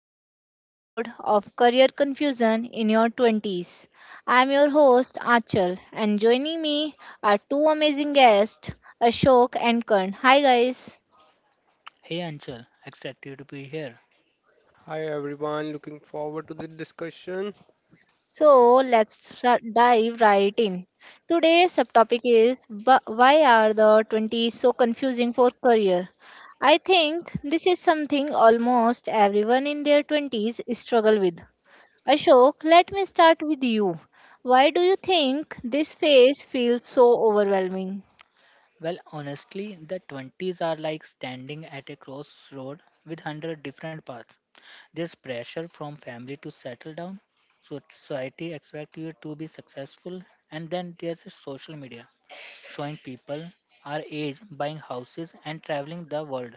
to today's episode of Career Confusion in Your 20s. I'm your host Achal and joining me are two amazing guests, Ashok and Kern. Hi guys. Hey Anchal, excited to be here. Hi everyone, looking forward to the discussion. Dive right in. Today's subtopic is why are the 20s so confusing for career? I think this is something almost everyone in their 20s struggle with. Ashok, let me start with you. Why do you think this phase feels so overwhelming? Well, honestly, the 20s are like standing at a crossroad with 100 different paths. There's pressure from family to settle down, so society expects you to be successful, and then there's social media showing people our age buying houses and traveling the world.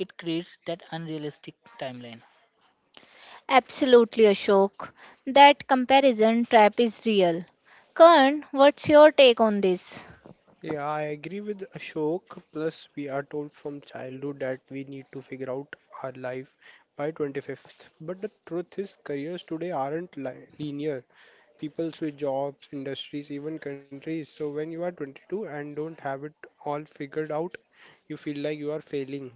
It creates that unrealistic timeline. Absolutely, Ashok. That comparison trap is real. Karan, what's your take on this? Yeah, I agree with Ashok. Plus, we are told from childhood that we need to figure out our life by 25th. But the truth is, careers today aren't linear. People switch jobs, industries, even countries. So, when you are 22 and don't have it all figured out, you feel like you are failing.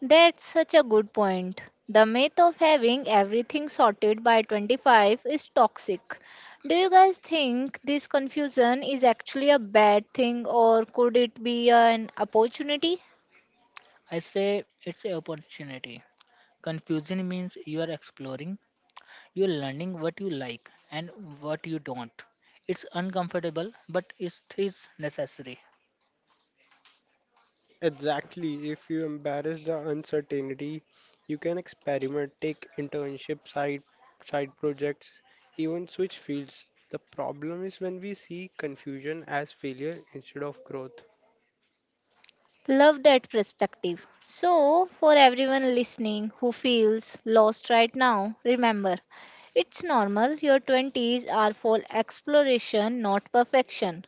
That's such a good point. The myth of having everything sorted by 25 is toxic. Do you guys think this confusion is actually a bad thing or could it be an opportunity? I say it's an opportunity. Confusing means you are exploring. You're learning what you like and what you don't. It's uncomfortable, but it is necessary. Exactly. If you embrace the uncertainty, you can experiment, take internship, side projects, even switch fields. The problem is when we see confusion as failure instead of growth. Love that perspective. So, for everyone listening who feels lost right now, remember it's normal. Your 20s are for exploration, not perfection.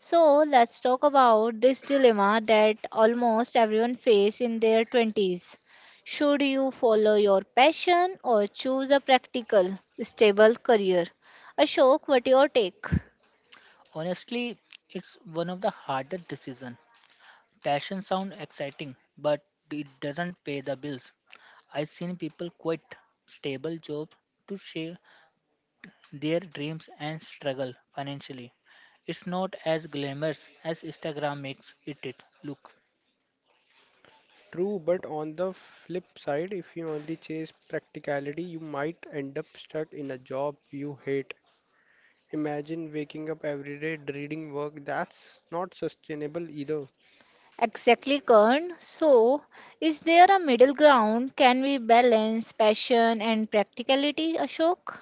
So, let's talk about this dilemma that almost everyone faces in their 20s. Should you follow your passion or choose a practical, stable career? Ashok, what your take? Honestly, it's one of the hardest decisions. Passion sounds exciting, but it doesn't pay the bills. I've seen people quit stable jobs to share their dreams and struggle financially. It's not as glamorous as Instagram makes it look. True, but on the flip side, if you only chase practicality, you might end up stuck in a job you hate. Imagine waking up every day dreading work. That's not sustainable either. Exactly, Karan. So, is there a middle ground? Can we balance passion and practicality, Ashok?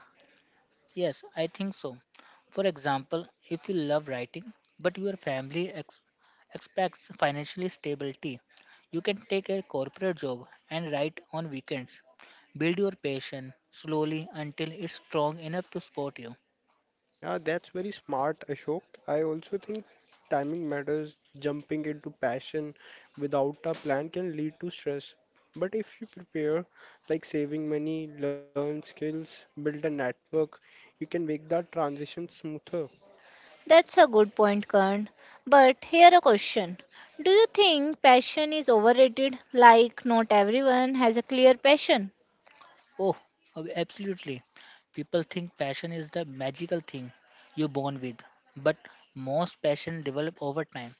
Yes, I think so. For example, if you love writing, but your expects financial stability, you can take a corporate job and write on weekends. Build your passion slowly until it's strong enough to support you. Yeah, that's very smart, Ashok. I also think timing matters. Jumping into passion without a plan can lead to stress. But if you prepare, like saving money, learn skills, build a network, you can make that transition smoother. That's a good point, Karan. But here a question. Do you think passion is overrated? Like, not everyone has a clear passion. Oh, absolutely. People think passion is the magical thing you're born with, but most passion develop over time.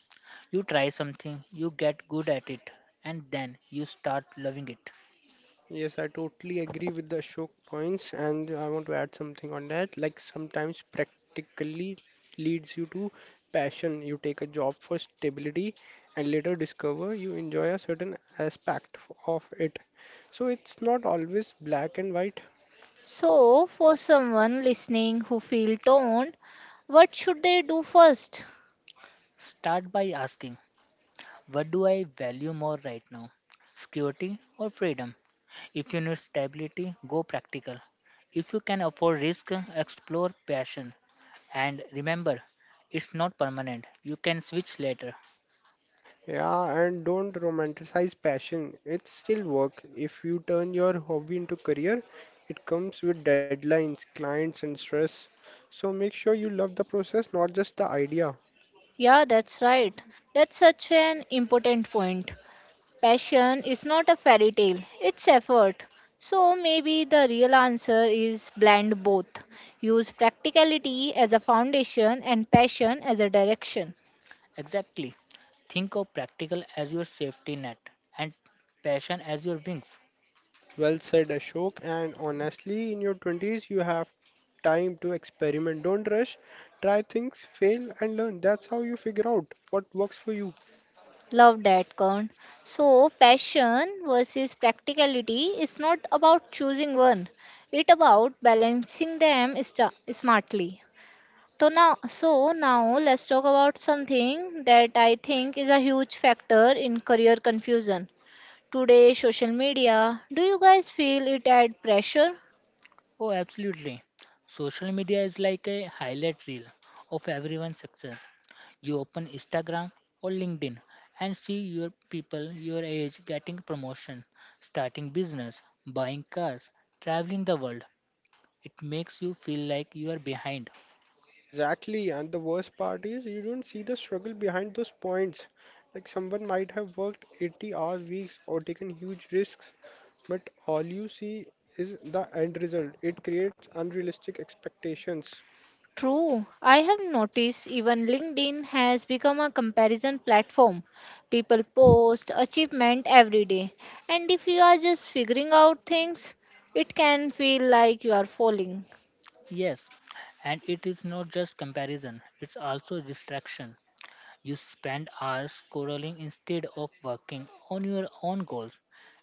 You try something, you get good at it, and then you start loving it. Yes, I totally agree with the Ashok points, and I want to add something on that. Like sometimes practically leads you to passion. You take a job for stability and later discover you enjoy a certain aspect of it. So it's not always black and white. So, for someone listening who feel torn, what should they do first? Start by asking, what do I value more right now? Security or freedom? If you need stability, go practical. If you can afford risk, explore passion. And remember, it's not permanent. You can switch later. Yeah, and don't romanticize passion. It's still work. If you turn your hobby into career, it comes with deadlines, clients, and stress. So make sure you love the process, not just the idea. Yeah, that's right. That's such an important point. Passion is not a fairy tale, it's effort. So maybe the real answer is blend both. Use practicality as a foundation and passion as a direction. Exactly. Think of practical as your safety net and passion as your wings. Well said, Ashok. And honestly, in your 20s, you have time to experiment. Don't rush, try things, fail, and learn. That's how you figure out what works for you. Love that, Kern. So, passion versus practicality is not about choosing one, it's about balancing them smartly. So now let's talk about something that I think is a huge factor in career confusion. Today's social media, do you guys feel it add pressure? Oh, absolutely. Social media is like a highlight reel of everyone's success. You open Instagram or LinkedIn and see your people your age getting promotion, starting business, buying cars, traveling the world. It makes you feel like you are behind. Exactly. And the worst part is, you don't see the struggle behind those points. Like someone might have worked 80 hours weeks or taken huge risks, but all you see is the end result. It creates unrealistic expectations. True, I have noticed even LinkedIn has become a comparison platform. People post achievement every day, and if you are just figuring out things, it can feel like you are falling. Yes, and it is not just comparison, it's also distraction. You spend hours scrolling instead of working on your own goals.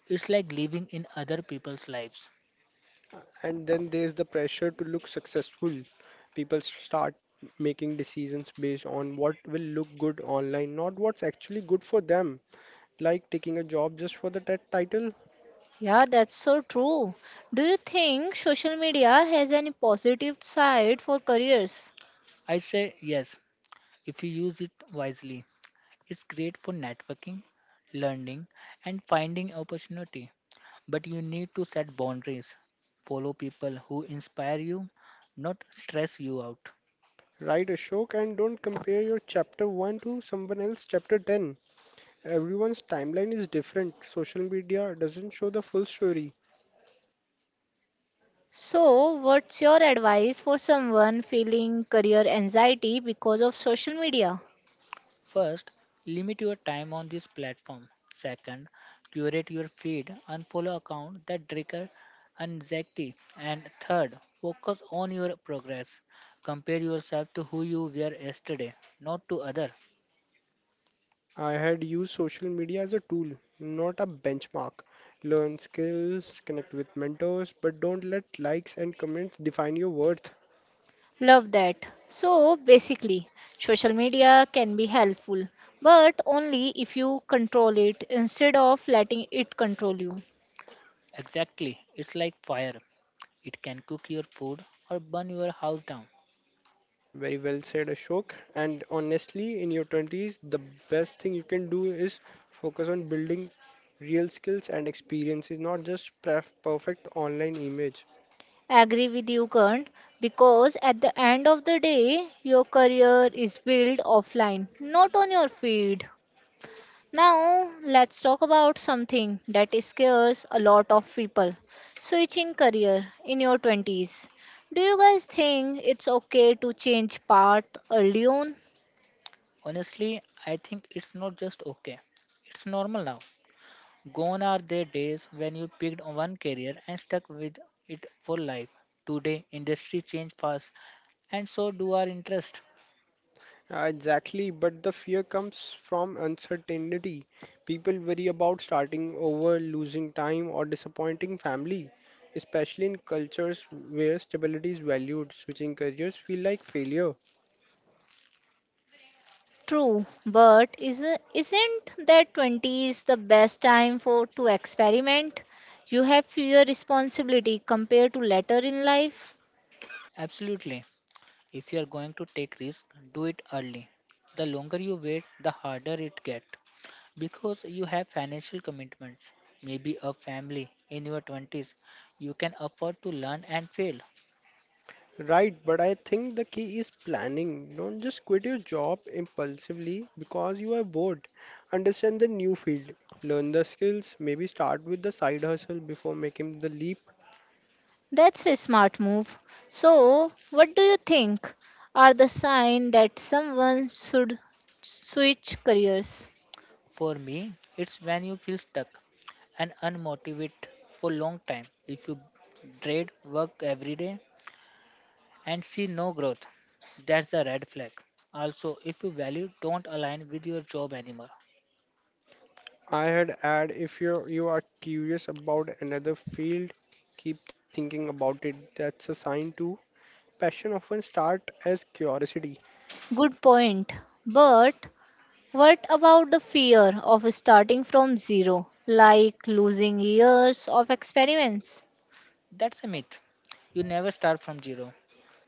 It's like living in other people's lives. And then there's the pressure to look successful. People start making decisions based on what will look good online, not what's actually good for them. Like taking a job just for the title, Yeah, that's so true. Do you think social media has any positive side for careers? I say yes if you use it wisely. It's great for networking, learning, and finding opportunity. But you need to set boundaries. Follow people who inspire you, not stress you out. write a shock and don't compare your chapter 1 to someone else's chapter 10. Everyone's timeline is different. Social media doesn't show the full story. So, what's your advice for someone feeling career anxiety because of social media? First, limit your time on this platform. Second, curate your feed and follow accounts that trigger anxiety. And third, focus on your progress. Compare yourself to who you were yesterday, not to other. I had used social media as a tool, not a benchmark. Learn skills, connect with mentors, but don't let likes and comments define your worth. Love that. So basically, social media can be helpful, but only if you control it instead of letting it control you. Exactly. It's like fire. It can cook your food or burn your house down. Very well said, Ashok. And honestly, in your 20s, the best thing you can do is focus on building real skills and experiences, not just perfect online image. Agree with you, Kant, because at the end of the day, your career is built offline, not on your feed. Now, let's talk about something that scares a lot of people, switching career in your 20s. Do you guys think it's okay to change path early on? Honestly, I think it's not just okay. It's normal now. Gone are the days when you picked on one career and stuck with it for life. Today, industry change fast and so do our interest. Exactly, but the fear comes from uncertainty. People worry about starting over, losing time, or disappointing family, especially in cultures where stability is valued. Switching careers feel like failure. True, isn't that 20s the best time for to experiment? You have fewer responsibility compared to later in life. Absolutely. If you are going to take risk, do it early. The longer you wait, the harder it gets, because you have financial commitments, maybe a family in your 20s. You can afford to learn and fail. Right, but I think the key is planning. Don't just quit your job impulsively because you are bored. Understand the new field, learn the skills, maybe start with the side hustle before making the leap. That's a smart move. So, what do you think are the sign that someone should switch careers? For me, it's when you feel stuck and unmotivated for a long time. If you dread work every day and see no growth, that's a red flag. Also, if your value don't align with your job anymore, I had add if you are curious about another field, keep thinking about it. That's a sign too. Passion often start as curiosity. Good point. But what about the fear of starting from zero, like losing years of experience? that's a myth. You never start from zero.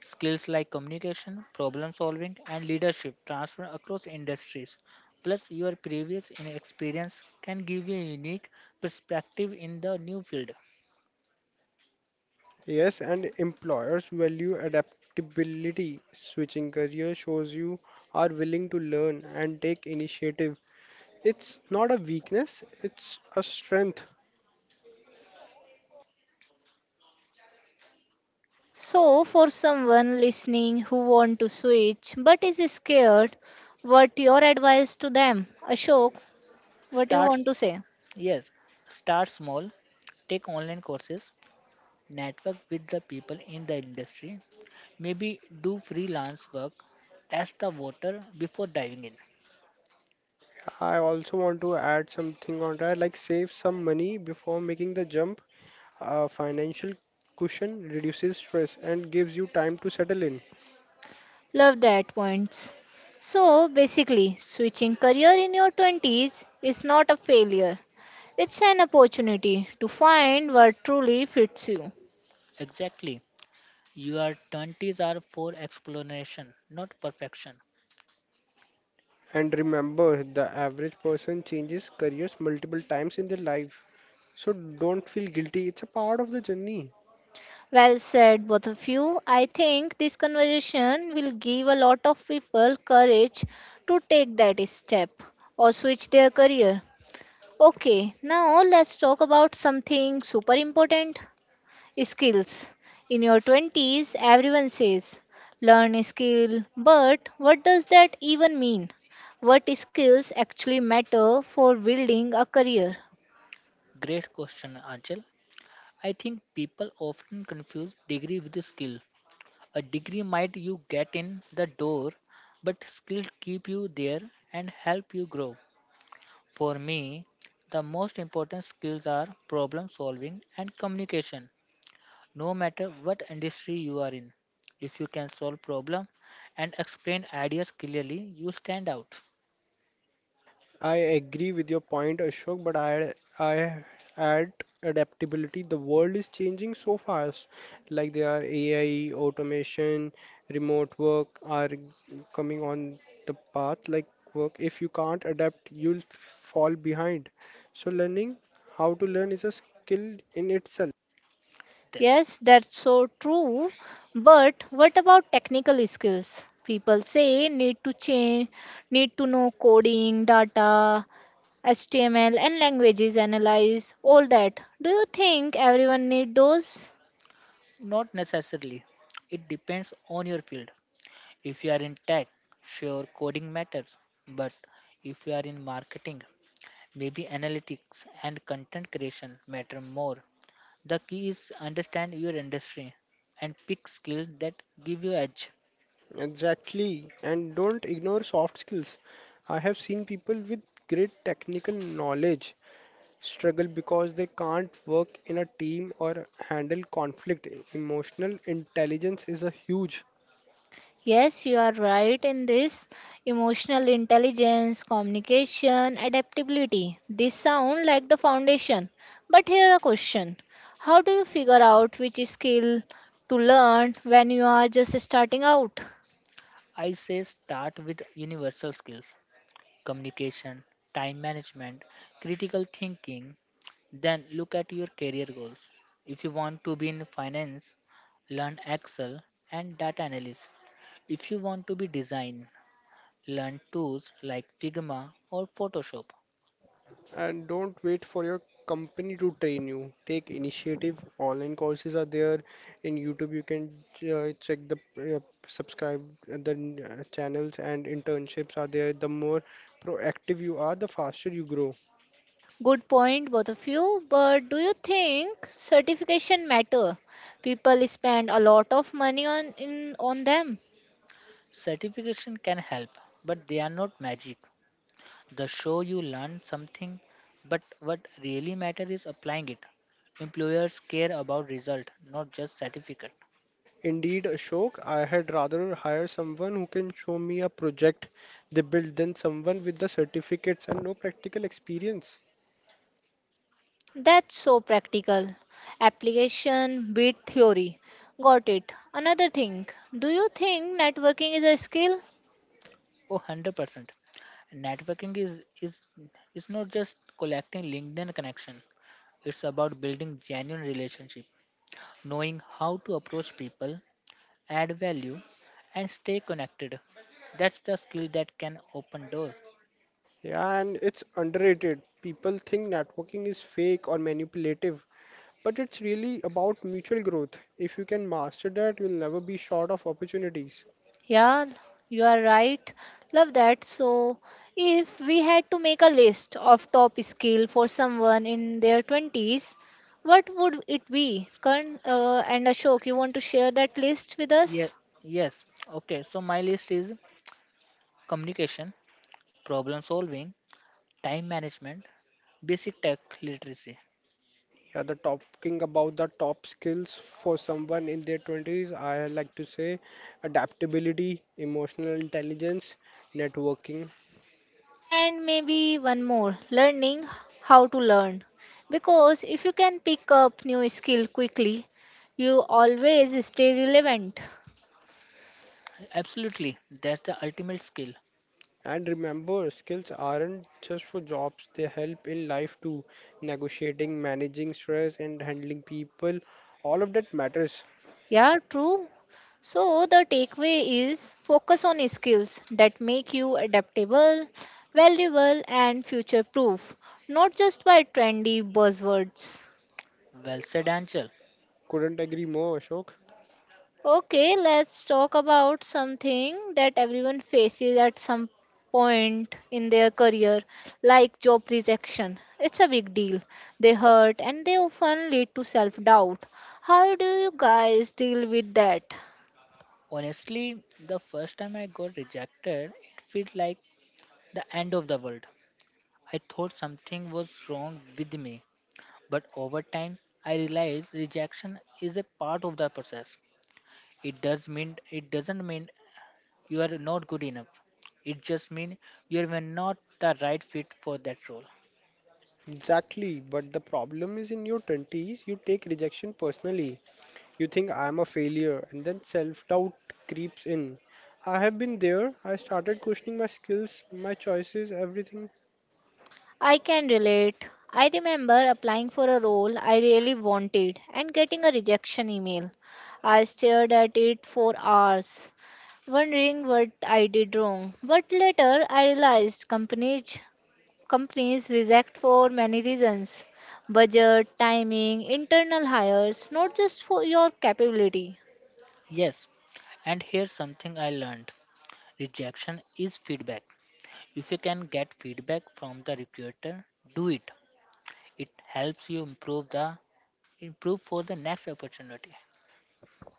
Skills like communication, problem solving, and leadership transfer across industries. Plus, your experience can give you a unique perspective in the new field. Yes, and employers value adaptability. Switching career shows you are willing to learn and take initiative. It's not a weakness, it's a strength. So, for someone listening who want to switch but is scared, what your advice to them? Ashok, what you Start, want to say? yes, start small, take online courses, network with the people in the industry, maybe do freelance work, test the water before diving in. I also want to add something on that, like save some money before making the jump. A financial cushion reduces stress and gives you time to settle in. Love that points. So, basically, switching career in your 20s is not a failure. It's an opportunity to find what truly fits you. Exactly. Your 20s are for exploration, not perfection. And remember, the average person changes careers multiple times in their life. So don't feel guilty, it's a part of the journey. Well said, both of you. I think this conversation will give a lot of people courage to take that step or switch their career. Okay, now let's talk about something super important, skills. In your 20s, everyone says learn a skill, but what does that even mean? What skills actually matter for building a career? Great question, Anchal. I think people often confuse degree with skill. A degree might you get in the door, but skill keep you there and help you grow. For me, the most important skills are problem solving and communication. No matter what industry you are in, if you can solve problem and explain ideas clearly, you stand out. I agree with your point, Ashok, but I add adaptability. The world is changing so fast. Like there are AI, automation, remote work are coming on the path. Like work, if you can't adapt, you'll fall behind. So learning how to learn is a skill in itself. Th- Yes, that's so true, but what about technical skills? People say need to change, need to know coding, data, HTML and languages analyze all that. Do you think everyone need those? Not necessarily. It depends on your field. If you are in tech, sure, coding matters. But if you are in marketing, maybe analytics and content creation matter more. The key is understand your industry and pick skills that give you edge. Exactly, and don't ignore soft skills. I have seen people with great technical knowledge struggle because they can't work in a team or handle conflict. Emotional intelligence is a huge Yes, you are right in this. Emotional intelligence, communication, adaptability. These sound like the foundation. But here a question. How do you figure out which skill to learn when you are just starting out? I say start with universal skills, communication, time management, critical thinking, then look at your career goals. If you want to be in finance, learn Excel and data analysis. If you want to be design, learn tools like Figma or Photoshop. and don't wait for your company to train you. Take initiative. Online courses are there in YouTube. You can check the subscribe the channels and internships are there. The more proactive you are, the faster you grow. Good point, both of you. But do you think certification matter? People spend a lot of money on them. Certification can help, but they are not magic. The show you learn something, but what really matters is applying it. Employers care about result, not just certificate. Indeed, Ashok, I had rather hire someone who can show me a project they built than someone with the certificates and no practical experience. That's so practical. Application beat theory. Got it. Another thing. Do you think networking is a skill? Oh, 100%. Networking is not just collecting LinkedIn connection. It's about building genuine relationship, knowing how to approach people, add value, and stay connected. That's the skill that can open door. Yeah, and it's underrated. People think networking is fake or manipulative, but it's really about mutual growth. If you can master that, you'll never be short of opportunities. Yeah, you are right. Love that. So, if we had to make a list of top skill for someone in their 20s, what would it be? Karan, and Ashok, you want to share that list with Yes, us? yes. Okay, so my list is communication, problem solving, time management, basic tech literacy. Yeah, the talking about the top skills for someone in their 20s, I like to say adaptability, emotional intelligence, networking. And maybe one more, learning how to learn. Because if you can pick up new skill quickly, you always stay relevant. Absolutely, that's the ultimate skill. And remember, skills aren't just for jobs, they help in life too. Negotiating, managing stress, and handling people, all of that matters. Yeah, true. So the takeaway is focus on skills that make you adaptable, valuable and future proof, not just by trendy buzzwords. Well said, Anchal. Couldn't agree more, Ashok. Okay, let's talk about something that everyone faces at some point in their career, like job rejection. It's a big deal. They hurt and they often lead to self doubt. How do you guys deal with that? Honestly, the first time I got rejected, it felt like the end of the world. I thought something was wrong with me, but over time, I realized rejection is a part of the process. It doesn't mean you are not good enough. It just means you are not the right fit for that role. Exactly, but the problem is in your 20s, you take rejection personally. You think I'm a failure, and then self doubt creeps in. I have been there, I started questioning my skills, my choices, everything. I can relate. I remember applying for a role I really wanted and getting a rejection email. I stared at it for hours wondering what I did wrong. But later I realized companies reject for many reasons, budget, timing, internal hires, not just for your capability. Yes, and here's something I learned. Rejection is feedback. If you can get feedback from the recruiter, do it. It helps you improve for the next opportunity.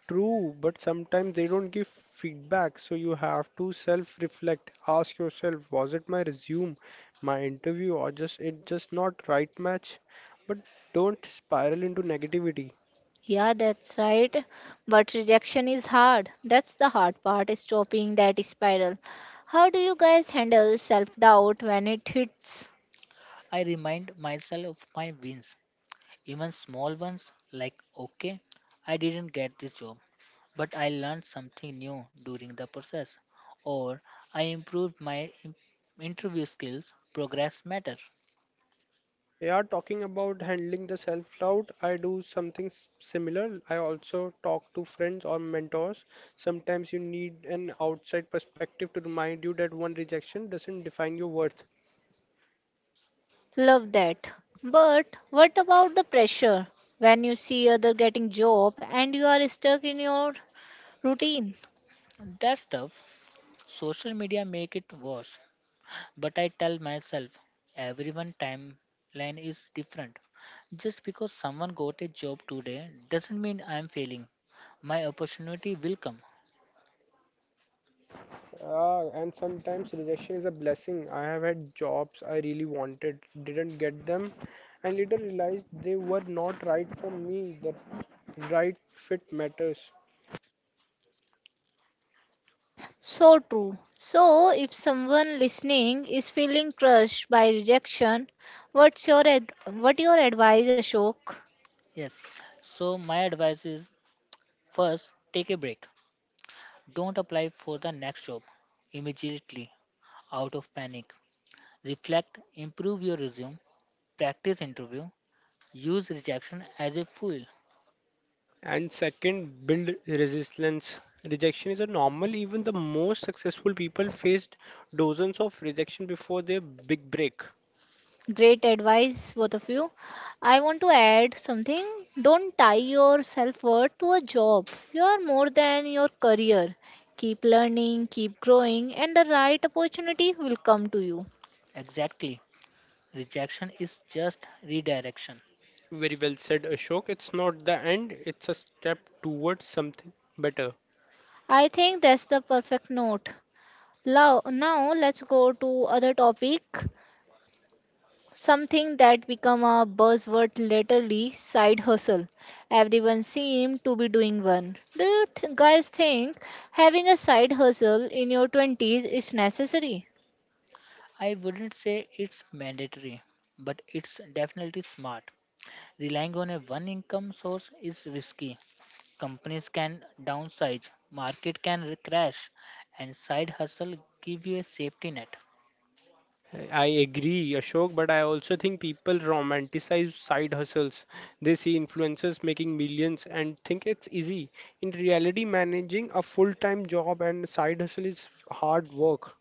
True, but sometimes they don't give feedback, so you have to self-reflect. Ask yourself, was it my resume, my interview, or just it just not right match? But don't spiral into negativity. Yeah, that's right. But rejection is hard. That's the hard part, is stopping that spiral. How do you guys handle self doubt when it hits? I remind myself of my wins. Even small ones like, okay, I didn't get this job, but I learned something new during the process, or I improved my interview skills, progress matter. Yeah, talking about handling the self-doubt, I do something similar. I also talk to friends or mentors. Sometimes you need an outside perspective to remind you that one rejection doesn't define your worth. Love that. But what about the pressure when you see other getting job and you are stuck in your routine? That stuff, social media make it worse, but I tell myself everyone timeline is different. Just because someone got a job today doesn't mean I'm failing. My opportunity will come. And sometimes rejection is a blessing. I have had jobs I really wanted, didn't get them, and later realized they were not right for me. The right fit matters. So true. So, if someone listening is feeling crushed by rejection, what your advice, Ashok? Yes. So my advice is first take a break. Don't apply for the next job immediately out of panic. Reflect, improve your resume, practice interview, use rejection as a fuel. And second, build resilience. Rejection is a normal, even the most successful people faced dozens of rejection before their big break. Great advice, both of you. I want to add something. Don't tie your self worth to a job. You are more than your career. Keep learning, keep growing, and the right opportunity will come to you. Exactly. Rejection is just redirection. Very well said, Ashok. It's not the end, it's a step towards something better. I think that's the perfect note. Now let's go to other topic. Something that become a buzzword latterly, side hustle. Everyone seemed to be doing one. Do you guys think having a side hustle in your 20s is necessary? I wouldn't say it's mandatory, but it's definitely smart. Relying on a one income source is risky. Companies can downsize, market can crash, and side hustle give you a safety net. I agree, Ashok, but I also think people romanticize side hustles. They see influencers making millions and think it's easy. In reality, managing a full time job and side hustle is hard work.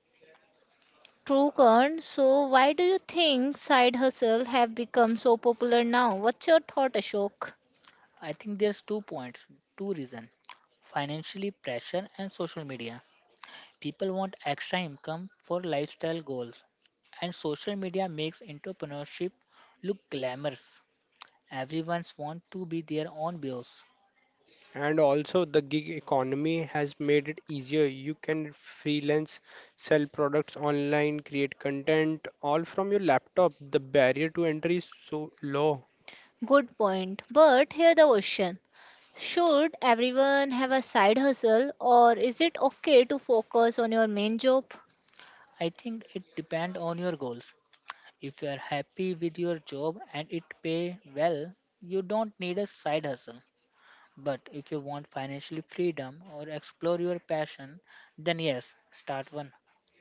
True, Kern. So why do you think side hustle have become so popular now? What's your thought, Ashok? I think there's two reasons, financially pressure and social media. People want extra income for lifestyle goals, and social media makes entrepreneurship look glamorous. Everyone's want to be their own boss. And also, the gig economy has made it easier. You can freelance, sell products online, create content, all from your laptop. The barrier to entry is so low. Good point. But here the question. Should everyone have a side hustle or is it okay to focus on your main job? I think it depends on your goals. If you are happy with your job and it pay well, you don't need a side hustle. But if you want financial freedom or explore your passion, then yes, start one.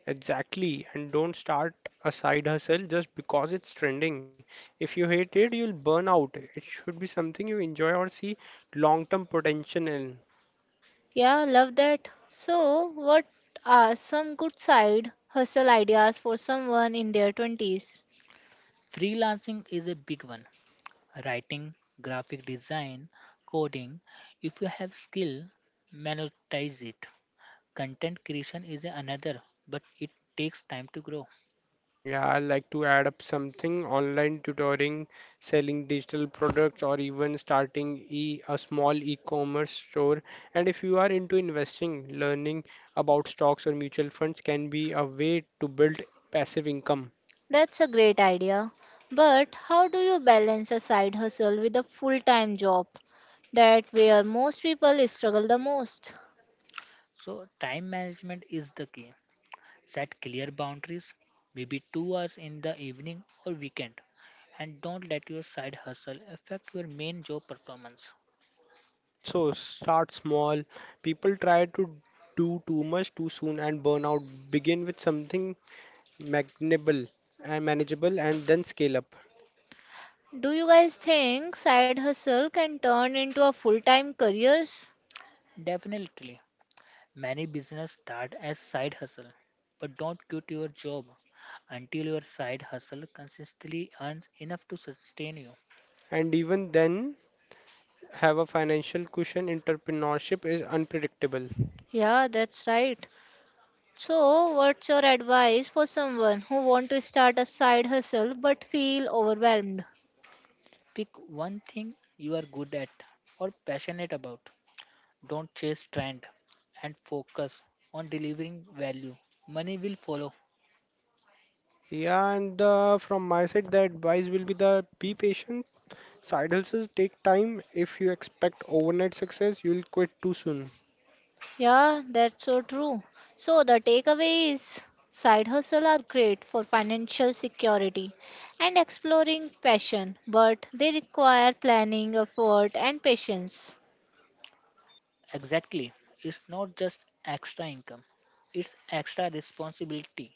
Exactly, and don't start a side hustle just because it's trending. If you hate it, you'll burn out. It should be something you enjoy or see long term potential in. Yeah, love that. So, what are some good side hustle ideas for someone in their 20s? Freelancing is a big one. Writing, graphic design, coding. If you have skill, monetize it. Content creation is another, but it takes time to grow. Yeah, I like to add up something online tutoring, selling digital products, or even starting e a small e-commerce store. And if you are into investing, learning about stocks or mutual funds can be a way to build passive income. That's a great idea. But how do you balance a side hustle with a full time job? That where most people struggle the most. So time management is the key. Set clear boundaries, maybe 2 hours in the evening or weekend, and don't let your side hustle affect your main job performance. Also, start small. People try to do too much too soon and burn out. Begin with something manageable manageable and then scale up. Do you guys think side hustle can turn into a full time careers? Definitely. Many business start as side hustle, but don't quit your job until your side hustle consistently earns enough to sustain you. And even then, have a financial cushion. Entrepreneurship is unpredictable. Yeah, that's right. So, what's your advice for someone who want to start a side hustle but feel overwhelmed? Pick one thing you are good at or passionate about. Don't chase trend and focus on delivering value. Money will follow. Yeah, and from my side, the advice will be the be patient. Side hustles take time. If you expect overnight success, you'll quit too soon. Yeah, that's so true. So the takeaway is side hustle are great for financial security and exploring passion, but they require planning, effort, and patience. Exactly. It's not just extra income, it's extra responsibility.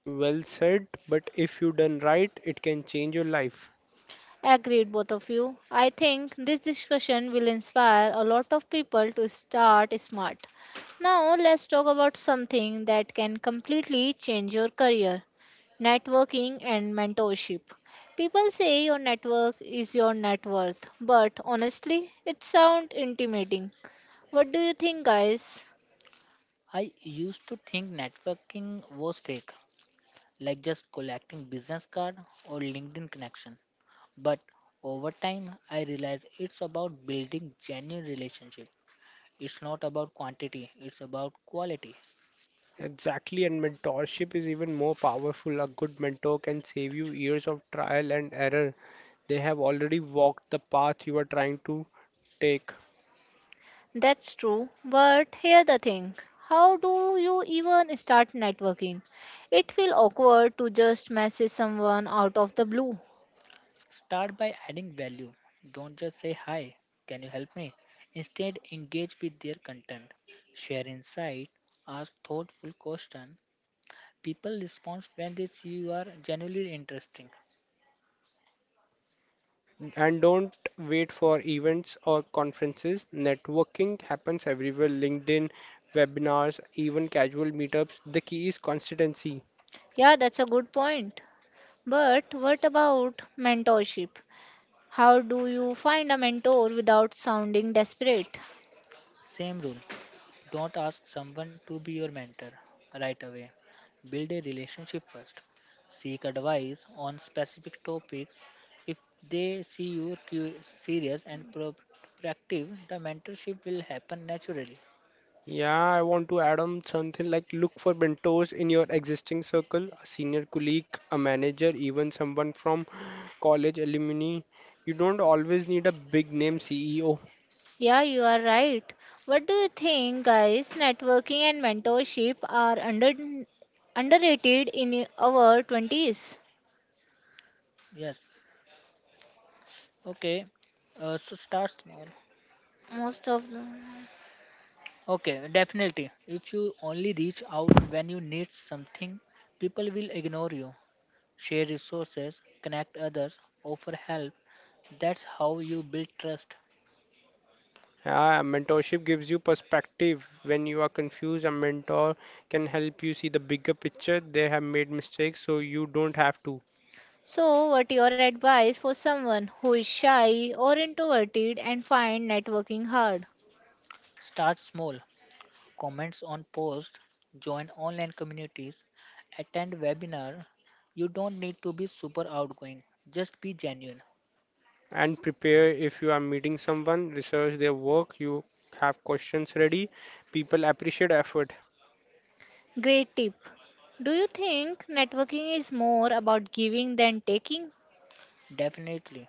Well said, but if you done right, it can change your life. Agreed, both of you. I think this discussion will inspire a lot of people to start smart. Now, let's talk about something that can completely change your career, networking and mentorship. People say your network is your net worth, but honestly, it sounds intimidating. What do you think, guys? I used to think networking was fake, like just collecting business card or LinkedIn connection. But over time, I realized it's about building genuine relationship. It's not about quantity, it's about quality. Exactly, and mentorship is even more powerful. A good mentor can save you years of trial and error. They have already walked the path you are trying to take. That's true, but here the thing. How do you even start networking? It feels awkward to just message someone out of the blue. Start by adding value. Don't just say hi, can you help me? Instead, engage with their content. Share insight, ask thoughtful questions. People respond when they see you are genuinely interesting. And don't wait for events or conferences. Networking happens everywhere LinkedIn, webinars, even casual meetups. The key is consistency. Yeah, that's a good point. But what about mentorship? How do you find a mentor without sounding desperate? Same rule. Don't ask someone to be your mentor right away. Build a relationship first. Seek advice on specific topics. If they see you serious and proactive, the mentorship will happen naturally. Yeah, I want to add on something like look for mentors in your existing circle, a senior colleague, a manager, even someone from college alumni. You don't always need a big name CEO. Yeah, you are right. What do you think, guys? Networking and mentorship are underrated in our 20s. Yes. Okay. So start small. Most of them. Okay, definitely. If you only reach out when you need something, people will ignore you. Share resources, connect others, offer help. That's how you build trust. Yeah, mentorship gives you perspective. When you are confused, a mentor can help you see the bigger picture. They have made mistakes, so you don't have to. So, what your advice for someone who is shy or introverted and find networking hard? Start small. Comments on posts, join online communities, attend webinar. You don't need to be super outgoing. Just be genuine. And prepare if you are meeting someone, research their work, you have questions ready. People appreciate effort. Great tip. Do you think networking is more about giving than taking? Definitely.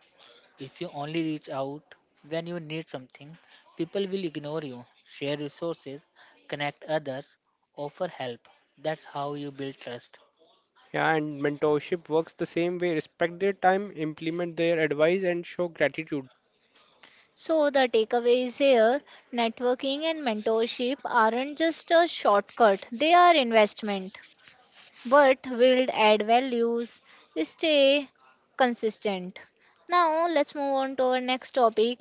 If you only reach out when you need something, people will ignore you. Share resources, connect others, offer help. That's how you build trust. Yeah, and mentorship works the same way. Respect their time, implement their advice, and show gratitude. So, the takeaway is here, networking and mentorship aren't just a shortcut, they are investment. But will add values, stay consistent. Now let's move on to our next topic,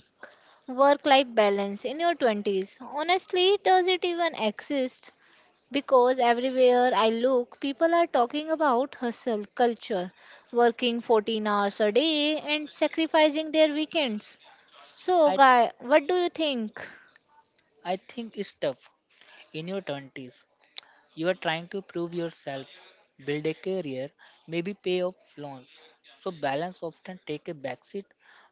work life balance in your 20s. Honestly, does it even exist? Because everywhere I look people are talking about hustle culture, working 14 hours a day and sacrificing their weekends. So I guy, what do you think? I think it's tough in your 20s. You are trying to prove yourself, build a career, maybe pay off loans. So balance often take a backseat,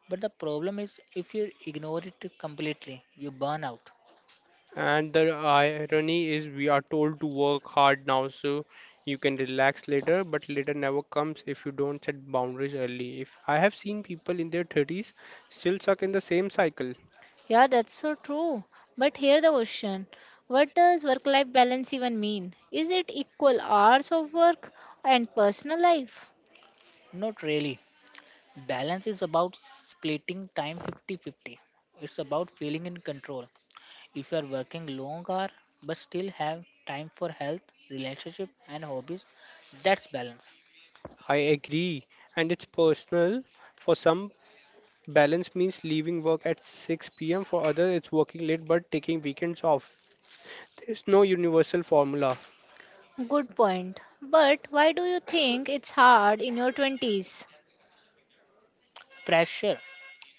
but the problem is if you ignore it completely, you burn out. And the irony is, we are told to work hard now so you can relax later, but later never comes if you don't set boundaries early. If I have seen people in their 30s still stuck in the same cycle, Yeah, that's so true. But here the question, what does work life balance even mean? Is it equal hours of work and personal life? Not really. Balance is about splitting time 50-50. It's about feeling in control. If you are working long hour but still have time for health, relationship and hobbies, that's balance. I agree, and it's personal. For some, balance means leaving work at 6 p.m., for others, it's working late but taking weekends off. There's no universal formula. Good point. But why do you think it's hard in your 20s? Pressure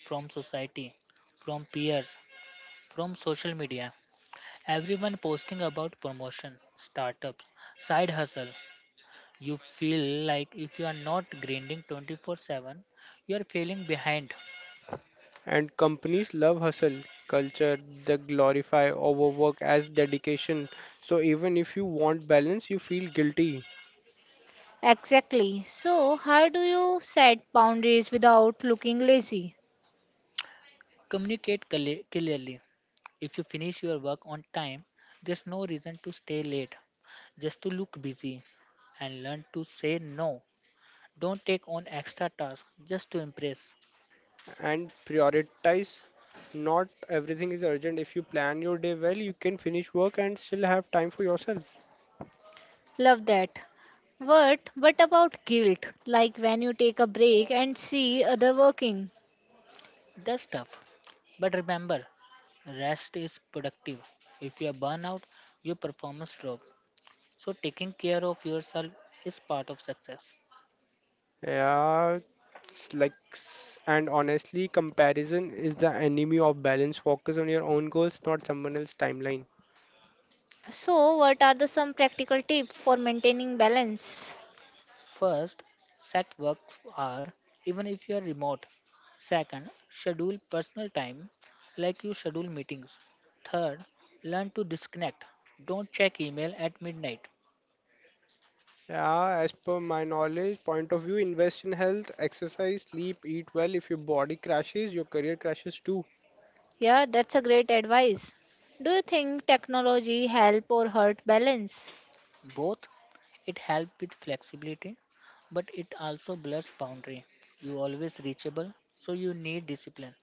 from society, from peers, from social media. Everyone posting about promotion, startups, side hustle. You feel like if you are not grinding 24/7, you are feeling behind. And companies love hustle culture. They glorify overwork as dedication. So even if you want balance, you feel guilty Exactly. So, how do you set boundaries without looking lazy? Clearly. If you finish your work on time, there's no reason to stay late just to look busy, and learn to say no. Don't take on extra tasks just to impress. and prioritize. Not everything is urgent. If you plan your day well, you can finish work and still have time for yourself. Love that. But what about guilt? Like when you take a break and see other working. That's tough. But remember, rest is productive. If you are burnout, your performance drop. So, taking care of yourself is part of success. Yeah, and honestly, comparison is the enemy of balance. Focus on your own goals, not someone else's timeline. So, what are the some practical tips for maintaining balance? First, set work hour even if you are remote. Second, schedule personal time like you schedule meetings. Third, learn to disconnect. Don't check email at midnight. Yeah, as per my knowledge, point of view, invest in health, exercise, sleep, eat well. If your body crashes, your career crashes too. Yeah, that's a great advice. Do you think technology help or hurt balance? Both, it helps with flexibility, but it also blurs boundary. You always reachable, so you need discipline.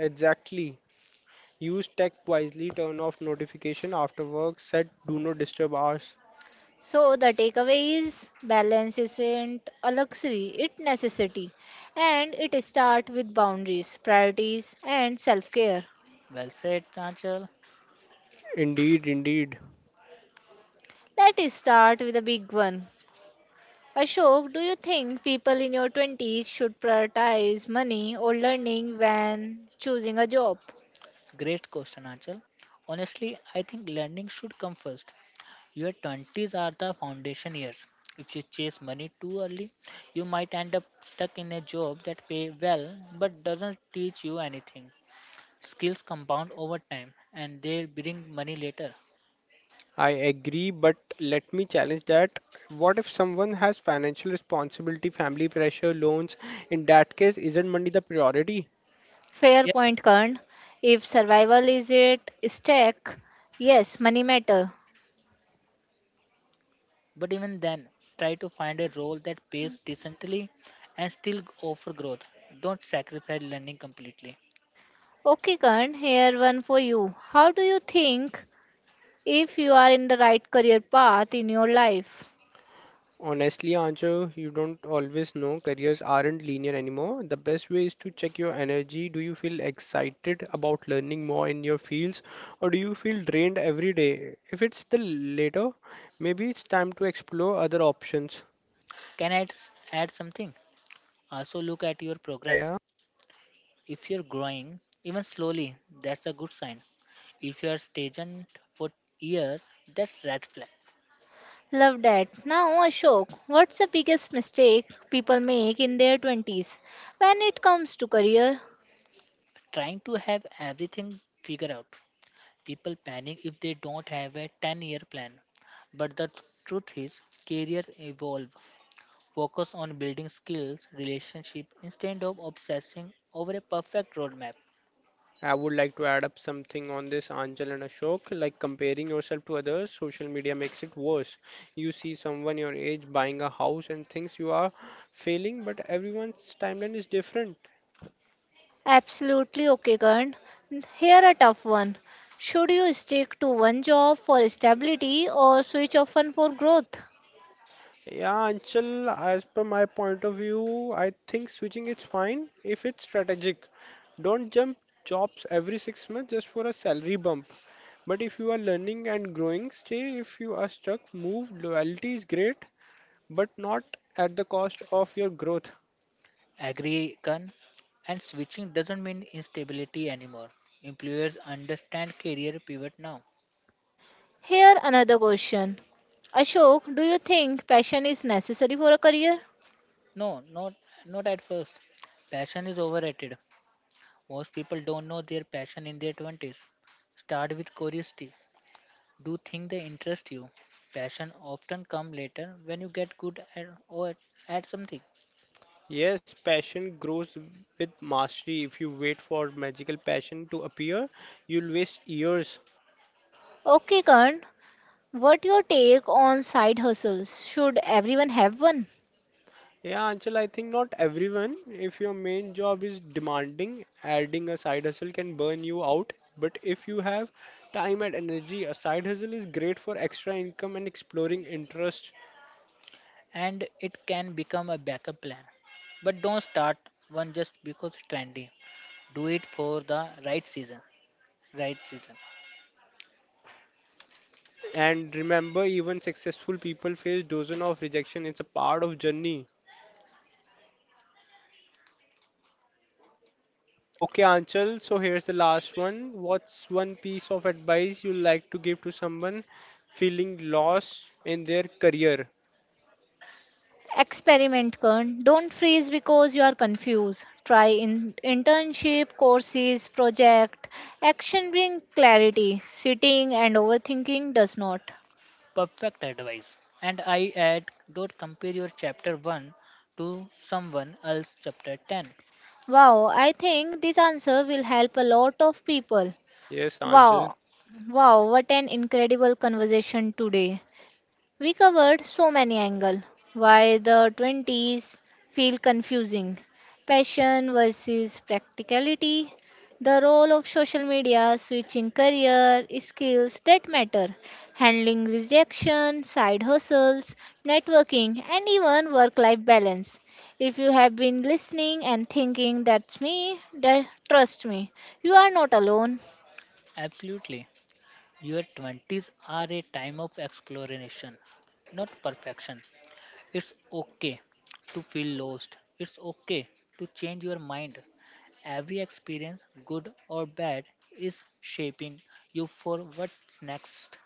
Exactly. Use tech wisely, turn off notification after work, set do not disturb hours. So the takeaway is balance isn't a luxury, it necessity. And it start with boundaries, priorities and self-care. Well said, Nachal. Indeed, indeed. Let us start with a big one. Ashok, do you think people in your 20s should prioritize money or learning when choosing a job? Great question, Nachal. Honestly, I think learning should come first. Your 20s are the foundation years. If you chase money too early, you might end up stuck in a job that pay well but doesn't teach you anything. Skills compound over time and they bring money later. I agree, but let me challenge that. What if someone has financial responsibility, family pressure, loans? In that case, isn't money the priority? Fair Yeah. point, Karn. If survival is at stake, yes, money matter. But even then, try to find a role that pays decently and still offer growth. Don't sacrifice learning completely. Okay, Karan, here one for you. How do you think if you are in the right career path in your life? Honestly, Ancho, you don't always know. Careers aren't linear anymore. The best way is to check your energy. Do you feel excited about learning more in your fields, or do you feel drained every day? If it's the latter, maybe it's time to explore other options. Can I add something? Also look at your Yeah, progress. yeah. If you're growing, even slowly, that's a good sign. If you are stagnant for years, that's red flag. Love that. Now, Ashok, what's the biggest mistake people make in their 20s when it comes to career? Trying to have everything figured out. People panic if they don't have a 10-year plan. But the truth is, career evolve. Focus on building skills, relationship instead of obsessing over a perfect roadmap. I would like to add up something on this, Anjal and Ashok. Like comparing yourself to others, social media makes it worse. You see someone your age buying a house and thinks you are failing, but everyone's timeline is different. Absolutely okay, Karan. Here a tough one. Should you stick to one job for stability or switch often for growth? Yeah, Anchal, as per my point of view, I think switching is fine if it's strategic. Don't jump jobs every 6 months just for a salary bump. But if you are learning and growing, stay. If you are stuck, move. Loyalty is great, but not at the cost of your growth. Agree, Kan? And switching doesn't mean instability anymore. Employers understand career pivot now. Here another question. Ashok, do you think passion is necessary for a career? No, not at first. Passion is overrated. Most people don't know their passion in their 20s. Start with curiosity. Do things that interest you. Passion often come later when you get good at or at something. Yes, passion grows with mastery. If you wait for magical passion to appear, you'll waste years. Okay, Karan, what your take on side hustles? Should everyone have one? Yeah, Anchal, I think not everyone. If your main job is demanding, adding a side hustle can burn you out. But if you have time and energy, a side hustle is great for extra income and exploring interest. And it can become a backup plan. But don't start one just because it's trendy. Do it for the right season. Right season. And remember, even successful people face dozen of rejection. It's a part of journey. Okay, Anchal, so here's the last one. What's one piece of advice you like to give to someone feeling lost in their career? Experiment, Kern. Don't freeze because you are confused. Try internship, courses, project. Action brings clarity. Sitting and overthinking does not. Perfect advice. And I add, don't compare your chapter 1 to someone else chapter 10. Wow, I think this answer will help a lot of people. Yes, Anchal. Wow. Wow, what an incredible conversation today. We covered so many angles. Why the 20s feel confusing. Passion versus practicality. The role of social media, switching career, skills that matter, handling rejection, side hustles, networking, and even work life balance. If you have been listening and thinking that's me, that, trust me, you are not alone. Absolutely. Your 20s are a time of exploration, not perfection. It's okay to feel lost. It's okay to change your mind. Every experience, good or bad, is shaping you for what's next.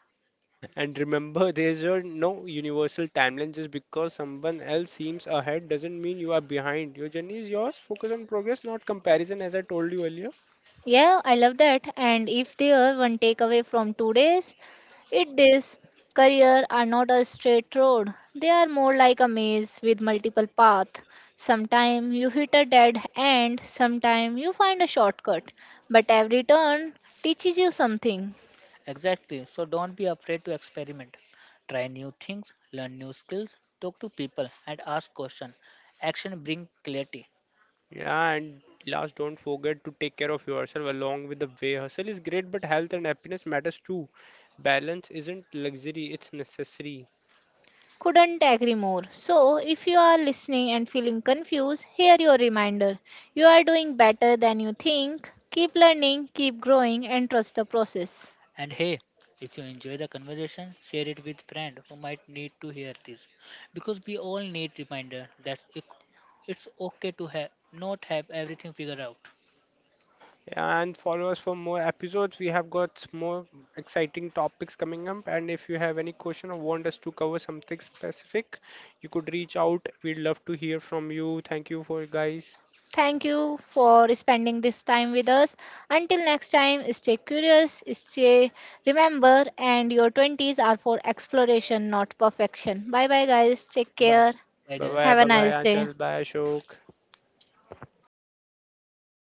And remember, there's a no universal timeline. Just because someone else seems ahead doesn't mean you are behind. Your journey is yours. Focus on progress, not comparison, as I told you earlier. Yeah, I love that. And if there one takeaway from today's, it this, career are not a straight road. They are more like a maze with multiple paths. Sometimes you hit a dead end, sometimes you find a shortcut. But every turn teaches you something. Exactly. So don't be afraid to experiment. Try new things, learn new skills, talk to people and ask questions. Action brings clarity. Yeah, and last, don't forget to take care of yourself along with the way. Hustle is great, but health and happiness matters too. Balance isn't luxury, it's necessary. Couldn't agree more. So if you are listening and feeling confused, here your reminder. You are doing better than you think. Keep learning, keep growing and trust the process. And hey, if you enjoy the conversation, share it with friend who might need to hear this, because we all need reminder that it's okay to have not have everything figured out. And follow us for more episodes. We have got more exciting topics coming up. And if you have any question or want us to cover something specific, you could reach out. We'd love to hear from you. Thank you for guys. Okay. Thank you for spending this time with us. Until next time, stay curious, stay remember, and your 20s are for exploration, not perfection. Bye bye, guys. Take Bye. care. Bye Bye guys. bye. Have a Bye Thank bye, nice day. you. Anchal. Bye, Ashok. Bye.